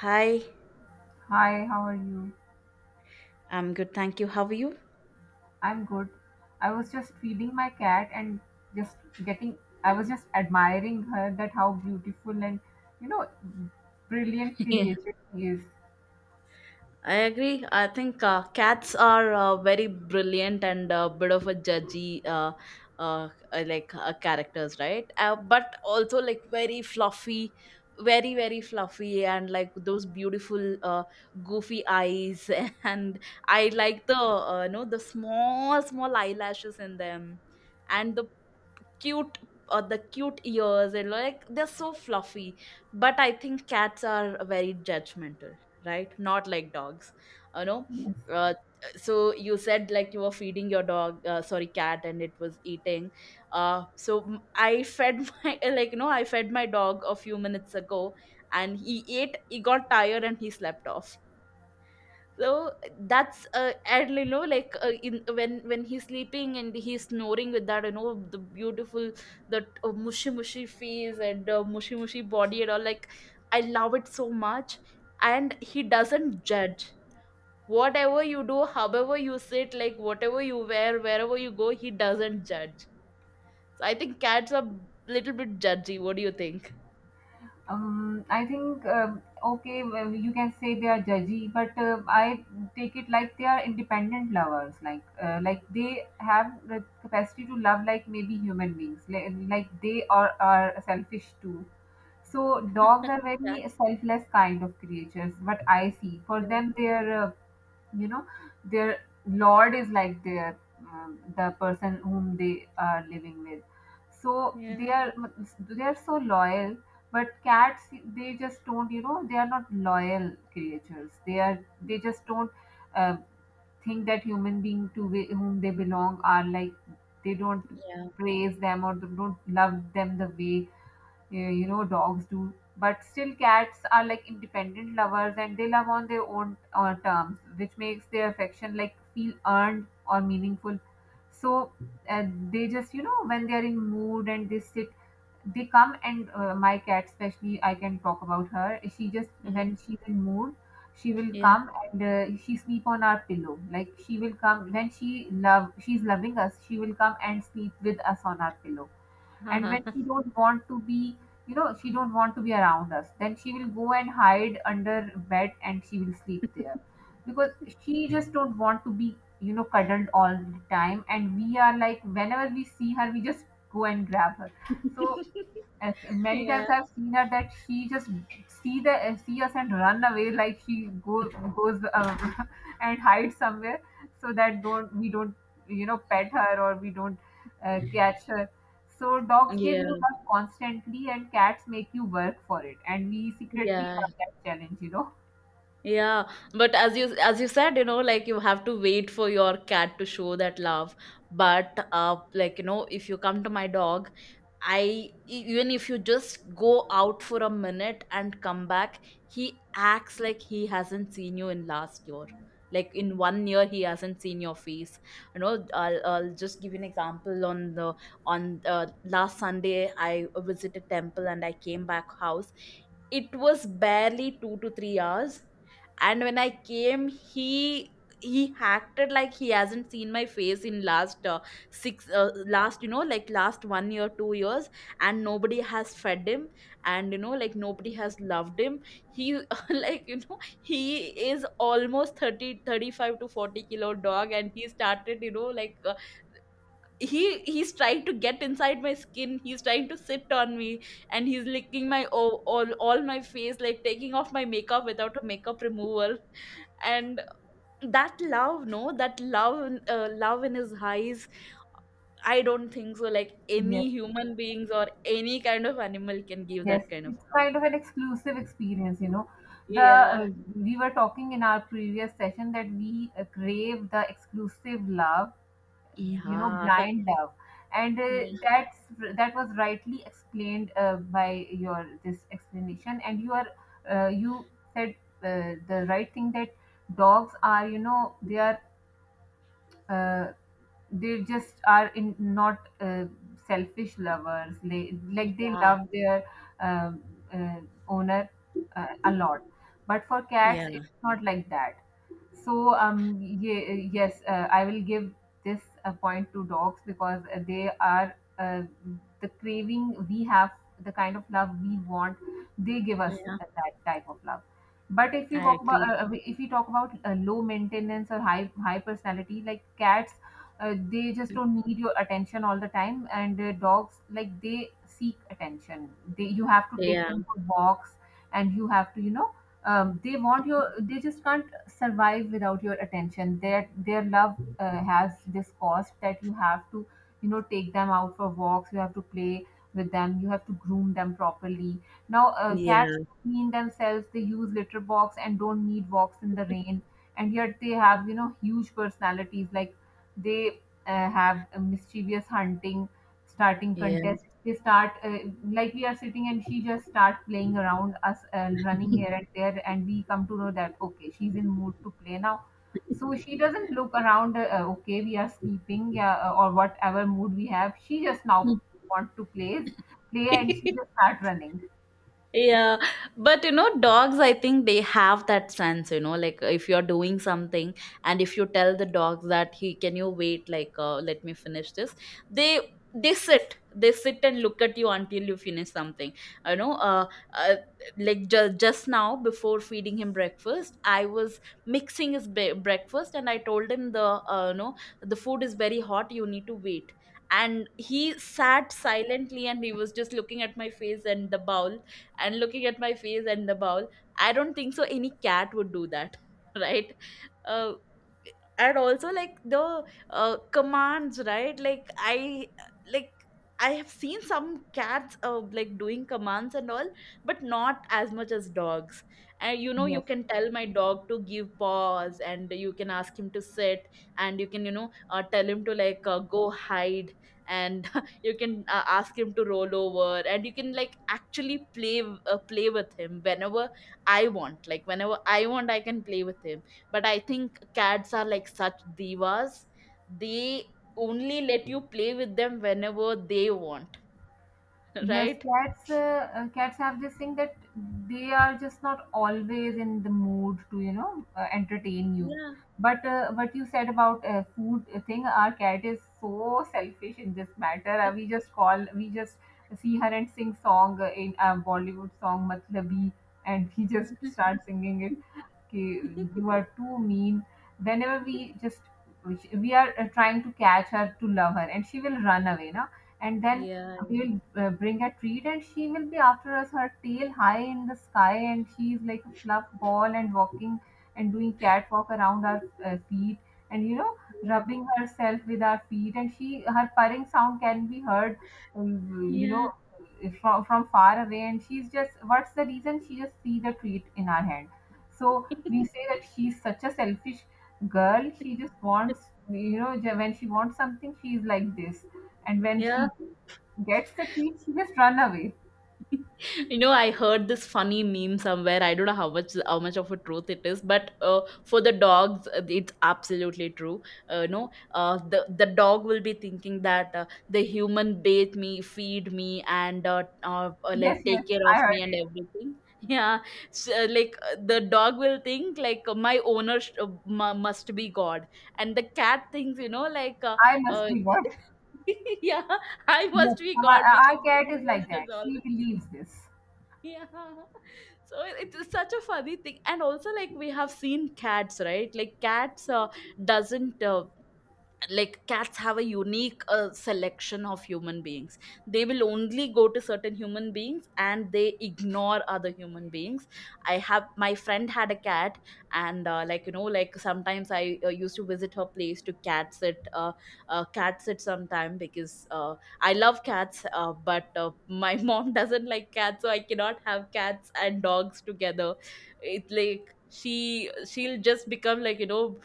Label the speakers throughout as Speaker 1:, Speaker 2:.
Speaker 1: Hi,
Speaker 2: Hi, how are you?
Speaker 1: I'm good. Thank you. How are you?
Speaker 2: I'm good. I was just feeding my cat and just getting, I was just admiring her that how beautiful and, you know, brilliant
Speaker 1: Yeah.
Speaker 2: creature she is.
Speaker 1: I agree. I think cats are very brilliant and a bit of a judgy, like characters, right? But also like very fluffy, very very fluffy, and like those beautiful goofy eyes. And I like the you know the small small eyelashes in them, and the cute cute ears, and like they're so fluffy, but I think cats are very judgmental, right? Not like dogs, you know?
Speaker 2: Yes.
Speaker 1: Uh, so you said like you were feeding your dog, sorry, cat, and it was eating. I fed my like you know I fed my dog a few minutes ago, and he ate, he got tired, and he slept off. So that's and you know like in when he's sleeping and he's snoring with that, the beautiful, that mushy mushy face, and mushy mushy body, and all, like, I love it so much. And he doesn't judge, whatever you do, however you sit, like whatever you wear, wherever you go, he doesn't judge. So I think cats are little bit judgy. What do you think?
Speaker 2: I think, okay, well, you can say they are judgy, but I take it like they are independent lovers. Like they have the capacity to love like maybe human beings. Like they are selfish too. So dogs are
Speaker 1: Yeah,
Speaker 2: very selfless kind of creatures. What I see for
Speaker 1: yeah,
Speaker 2: them, their you know their lord is like their the person whom they are living with. So
Speaker 1: yeah,
Speaker 2: they are so loyal. But cats, they just don't they are not loyal creatures. They just don't uh, think that human being to whom they belong are like they don't
Speaker 1: yeah,
Speaker 2: praise them or don't love them the way yeah, dogs do, but still cats are like independent lovers and they love on their own terms, which makes their affection like feel earned or meaningful. So uh, they just when they are in mood and they sit, they come and my cat especially, I can talk about her. She just,
Speaker 1: yeah.
Speaker 2: when she's in mood, she will come and she sleep on our pillow. Like she will come when she love, she's loving us, she will come and sleep with us on our pillow. And
Speaker 1: Uh-huh.
Speaker 2: when she don't want to be, she don't want to be around us, then she will go and hide under bed and she will sleep there, because she just don't want to be cuddled all the time, and we are like whenever we see her we just go and grab her. So as many
Speaker 1: Yeah.
Speaker 2: times I've seen her that she just see the, see us and run away. Like she go goes and hide somewhere, so that don't we don't pet her or we don't catch her. So dogs give you
Speaker 1: Yeah.
Speaker 2: love constantly and cats make you work for it. And we secretly
Speaker 1: Yeah.
Speaker 2: love that challenge, you know.
Speaker 1: Yeah, but as you said, like, you have to wait for your cat to show that love. But like, if you come to my dog, I even if you just go out for a minute and come back, he acts like he hasn't seen you in last year. Like in one year, he hasn't seen your face. You know, I'll just give you an example. On last Sunday, I visited temple and I came back house. It was barely 2 to 3 hours, and when I came, he acted like he hasn't seen my face in last six, last, like last one year, 2 years, and nobody has fed him, and like nobody has loved him. He, he is almost 35 to 40 kilo dog. And he started, he's trying to get inside my skin, he's trying to sit on me, and he's licking my all my face, like taking off my makeup without a makeup removal. And that love, no, that love, love in his eyes, I don't think so like
Speaker 2: Yes,
Speaker 1: any human beings or any kind of animal can give
Speaker 2: yes,
Speaker 1: that kind of
Speaker 2: it's
Speaker 1: love.
Speaker 2: kind of an exclusive experience, you know. The
Speaker 1: Yeah,
Speaker 2: We were talking in our previous session that we crave the exclusive love,
Speaker 1: yeah.
Speaker 2: blind love. And
Speaker 1: Yeah,
Speaker 2: that's, that was rightly explained by your this explanation. And you are, you said the right thing that dogs are, they are, uh, they just are in not selfish lovers. They like, they
Speaker 1: yeah,
Speaker 2: love their uh, uh, owner a lot. But for cats
Speaker 1: yeah,
Speaker 2: it's not like that. So um, yes, I will give this point to dogs because they are, the craving we have, the kind of love we want, they give us
Speaker 1: yeah,
Speaker 2: that type of love. But if we
Speaker 1: I
Speaker 2: walk about,
Speaker 1: agree.
Speaker 2: if we talk about low maintenance or high personality like cats, they just don't need your attention all the time. And dogs like, they seek attention. They, you have to take
Speaker 1: Yeah,
Speaker 2: them for walks, and you have to, you know, they want your, they just can't survive without your attention. Their love has this cost, that you have to, you know, take them out for walks, you have to play with them, you have to groom them properly. Now cats
Speaker 1: yeah,
Speaker 2: clean themselves, they use litter box, and don't need walks in the rain, and yet they have, you know, huge personalities. Like they have a mischievous hunting starting
Speaker 1: yeah.
Speaker 2: contest. They start like, we are sitting and she just start playing around us, running here and there, and we come to know that okay, she's in mood to play now. So she doesn't look around, okay we are sleeping, yeah, or whatever mood we have, she just now want to play, play, and she just start running.
Speaker 1: Yeah, but, you know, dogs, I think they have that sense, you know, like if you're doing something, and if you tell the dogs that, he, can you wait, like, let me finish this, they they sit, they sit and look at you until you finish something. You know, uh, uh like just now, before feeding him breakfast, I was mixing his breakfast, and I told him the you know the food is very hot, you need to wait. And he sat silently, and he was just looking at my face and the bowl, and looking at my face and the bowl. I don't think so any cat would do that, right? Uh, and also, like, the commands, right? Like I have seen some cats like doing commands and all, but not as much as dogs. And,
Speaker 2: Yes.
Speaker 1: you can tell my dog to give paws, and you can ask him to sit, and you can, tell him to, like, go hide, and you can, ask him to roll over, and you can like actually play with him whenever I want. Like whenever I want, I can play with him. But I think cats are like such divas. They only let you play with them whenever they want,
Speaker 2: Yes,
Speaker 1: right?
Speaker 2: cats. Cats have this thing that they are just not always in the mood to, you know, entertain you.
Speaker 1: Yeah.
Speaker 2: But what you said about food thing, our cat is so selfish in this matter. We just call, we just see her and sing song in a Bollywood song, Matlabi, and he just starts singing it. "Ki- you are too mean," whenever we just, we are trying to catch her to love her, and she will run away. Now and then
Speaker 1: Yeah,
Speaker 2: we will bring a treat, and she will be after us, her tail high in the sky, and she is like a fluff ball and walking and doing catwalk around our feet, and you know, rubbing herself with our feet. And she, her purring sound can be heard,
Speaker 1: yeah,
Speaker 2: you know,
Speaker 1: yeah.
Speaker 2: from far away. And she's just, what's the reason? She just see the treat in our hand. So we say that she's such a selfish girl. She just wants, you know, when she wants something, she's like this. And when
Speaker 1: Yeah.
Speaker 2: she gets the treat she just run away.
Speaker 1: You know, I heard this funny meme somewhere, I don't know how much of a truth it is, but for the dogs, it's absolutely true. No, the dog will be thinking that, the human bathe me, feed me, and,
Speaker 2: Yes,
Speaker 1: like,
Speaker 2: yes,
Speaker 1: take care
Speaker 2: I
Speaker 1: of me,
Speaker 2: heard
Speaker 1: and
Speaker 2: it.
Speaker 1: everything. Yeah. So, like, the dog will think, like, my owner sh- mu- must be God. And the cat thinks, like,
Speaker 2: I must
Speaker 1: uh,
Speaker 2: be god.
Speaker 1: yeah, I
Speaker 2: Yes,
Speaker 1: must be
Speaker 2: my,
Speaker 1: God,
Speaker 2: our
Speaker 1: because
Speaker 2: cat is like
Speaker 1: humans
Speaker 2: that,
Speaker 1: does all.
Speaker 2: she believes this.
Speaker 1: Yeah. So it's such a funny thing. And also, like, we have seen cats, right? Like, cats doesn't, like, cats have a unique selection of human beings. They will only go to certain human beings, and they ignore other human beings. I have, my friend had a cat, and, like, like, sometimes I used to visit her place to cat sit, cat sit sometime, because I love cats, but my mom doesn't like cats, so I cannot have cats and dogs together. It's like she'll just become, like,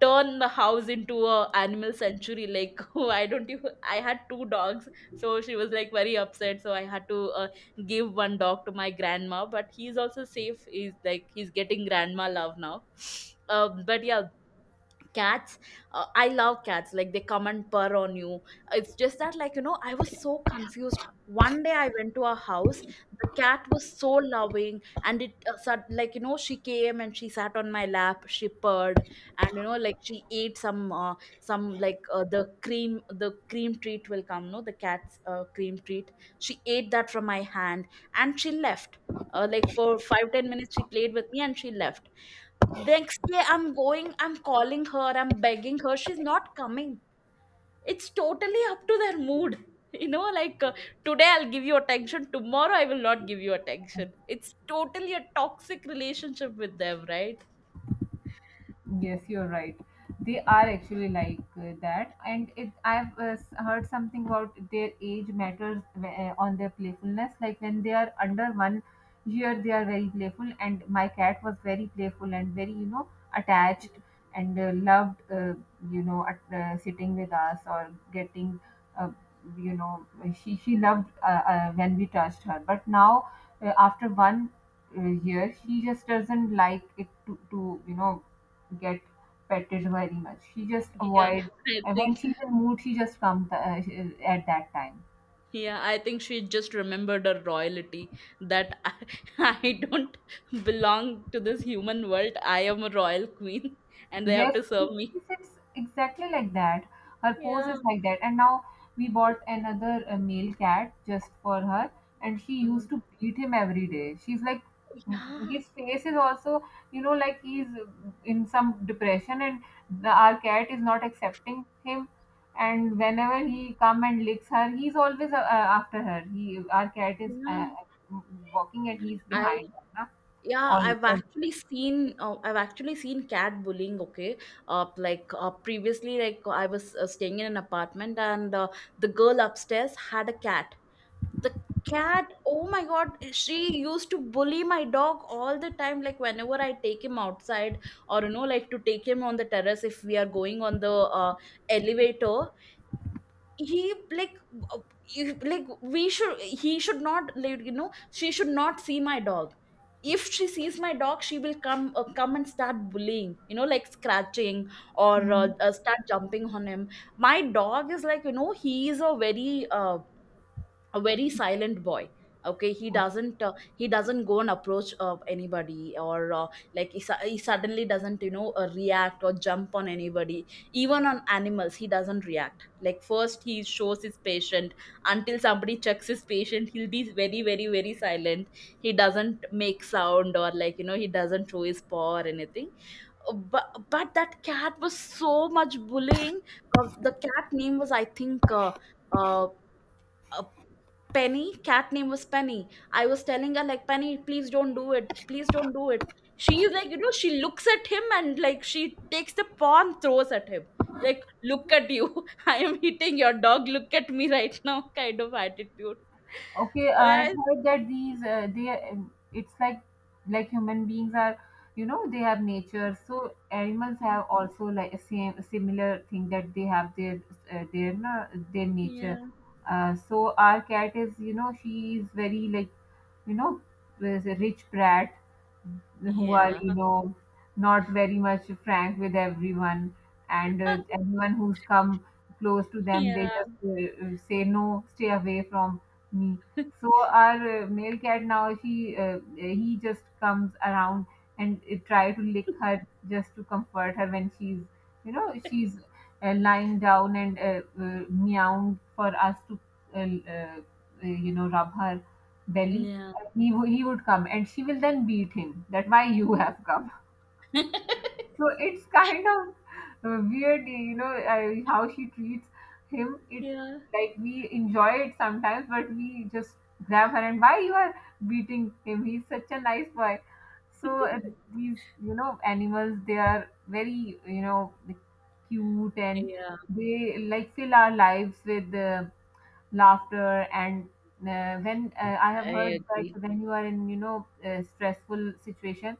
Speaker 1: turn the house into a animal sanctuary, like, why don't you. I had two dogs, so she was like very upset, so I had to give one dog to my grandma, but he's also safe, he's like, he's getting grandma love now. But yeah, cats, I love cats, like they come and purr on you. It's just that, like, I was so confused. One day I went to a house. The cat was so loving, and it, like, she came and she sat on my lap, she purred, and, like, she ate some, some, like, the cream treat will come, no, the cat's cream treat. She ate that from my hand, and she left. Like, for 5-10 minutes she played with me, and she left. Next day I'm going, I'm calling her, I'm begging her, she's not coming. It's totally up to their mood. Like, today I'll give you attention, tomorrow I will not give you attention. It's totally a toxic relationship with them, right?
Speaker 2: Yes, you're right. They are actually like that, and it. I've heard something about their age matters on their playfulness. Like when they are under 1 year, they are very playful, and my cat was very playful and very, you know, attached and loved, you know, at, sitting with us or getting, uh, you know, she loved when we touched her. But now, after one year, she just doesn't like it to, you know, get petted very much. She just
Speaker 1: Yeah,
Speaker 2: avoid.
Speaker 1: i
Speaker 2: And when
Speaker 1: think
Speaker 2: she's in mood, she just comes, at that time.
Speaker 1: yeah I think she just remembered her royalty, that I, I don't belong to this human world, I am a royal queen, and they have
Speaker 2: Yes,
Speaker 1: to serve me.
Speaker 2: she sits exactly like that. Her pose
Speaker 1: Yeah.
Speaker 2: is like that. And now we bought another male cat just for her, and she
Speaker 1: Mm.
Speaker 2: used to beat him every day. She's like, mm,
Speaker 1: Yeah.
Speaker 2: his face is also, you know, like he's in some depression, and the, our cat is not accepting him. And whenever he come and licks her, he's always after her. He, our cat is
Speaker 1: Yeah.
Speaker 2: walking, and he's
Speaker 1: I
Speaker 2: behind her, na?
Speaker 1: Yeah,
Speaker 2: All, all.
Speaker 1: I've actually seen cat bullying. Okay, like, previously, like, I was, staying in an apartment, and, the girl upstairs had a cat. The cat, oh my God, she used to bully my dog all the time. Like whenever I take him outside, or, like, to take him on the terrace, if we are going on the elevator, he like uh, if- like, we should, he should not, like, she should not see my dog. If she sees my dog, she will come, come and start bullying, like, scratching, or,
Speaker 2: Hmm.
Speaker 1: start jumping on him. My dog is, like, he is a very silent boy. Okay, he doesn't, he doesn't go and approach anybody, or, like, he suddenly doesn't, react or jump on anybody. Even on animals he doesn't react, like, first he shows his patient, until somebody checks his patient, he'll be very very very silent. He doesn't make sound, or, like, he doesn't show his paw or anything. But, but that cat was so much bullying. The cat name was, I think, uh, uh, Penny. Cat name was Penny. I was telling her, like, Penny, please don't do it. Please don't do it. She is, like, she looks at him, and like she takes the paw and throws at him. Like, look at you. I am hitting your dog. Look at me right now, kind of attitude.
Speaker 2: Okay, I've
Speaker 1: I-
Speaker 2: heard that these they, it's like human beings are, you know, they have nature. So animals have also like a same similar thing, that they have their their nature.
Speaker 1: Yeah.
Speaker 2: So our cat is, you know, she is very like, you know, there's a rich brat who are,
Speaker 1: Yeah.
Speaker 2: you know, not very much frank with everyone. And everyone who's come close to them, they
Speaker 1: Yeah.
Speaker 2: just say, "No, stay away from me." So, our male cat now, she he just comes around and try to lick her just to comfort her when she's, you know, she's lying down and meowing for us to, uh, uh, you know, rub her belly.
Speaker 1: Yeah.
Speaker 2: He, he would come, and she will then beat him, that why you have come. So it's kind of weird, you know, how she treats him. It,
Speaker 1: Yeah.
Speaker 2: like we enjoy it sometimes, but we just grab her, and why you are beating him, he's such a nice boy. So these, you know, animals, they are very, you know, cute, and
Speaker 1: Yeah.
Speaker 2: they like fill our lives with laughter. And when I have
Speaker 1: I
Speaker 2: heard
Speaker 1: agree.
Speaker 2: that when you are in, you know, a stressful situation,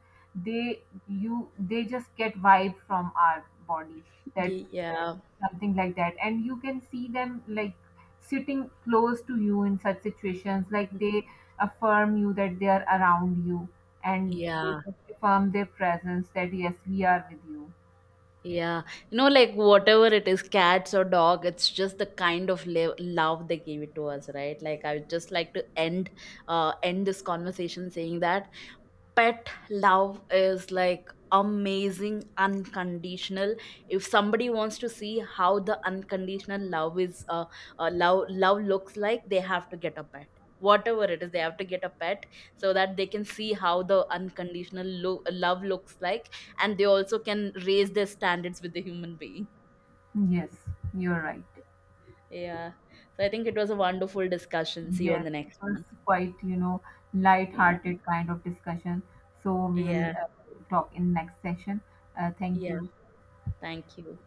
Speaker 2: they, you, they just get vibe from our body, that uh,
Speaker 1: Yeah.
Speaker 2: something like that. And you can see them like sitting close to you in such situations, like they affirm you that they are around you, and they
Speaker 1: Yeah.
Speaker 2: affirm their presence, that yes, we are with you.
Speaker 1: Yeah, you know, like whatever it is, cats or dog, it's just the kind of love they gave it to us, right? Like, I would just like to end this conversation saying that pet love is like amazing, unconditional. If somebody wants to see how the unconditional love looks like, they have to get a pet. Whatever it is, they have to get a pet, so that they can see how the unconditional love looks like. And they also can raise their standards with the human being.
Speaker 2: Yes, you're right.
Speaker 1: Yeah. So I think it was a wonderful discussion. See you on
Speaker 2: Yes,
Speaker 1: the
Speaker 2: it
Speaker 1: next
Speaker 2: was
Speaker 1: one.
Speaker 2: quite, you know,
Speaker 1: Yeah.
Speaker 2: light-hearted kind of discussion. So we will
Speaker 1: Yeah.
Speaker 2: talk in next session. Thank
Speaker 1: Yeah,
Speaker 2: you.
Speaker 1: thank you.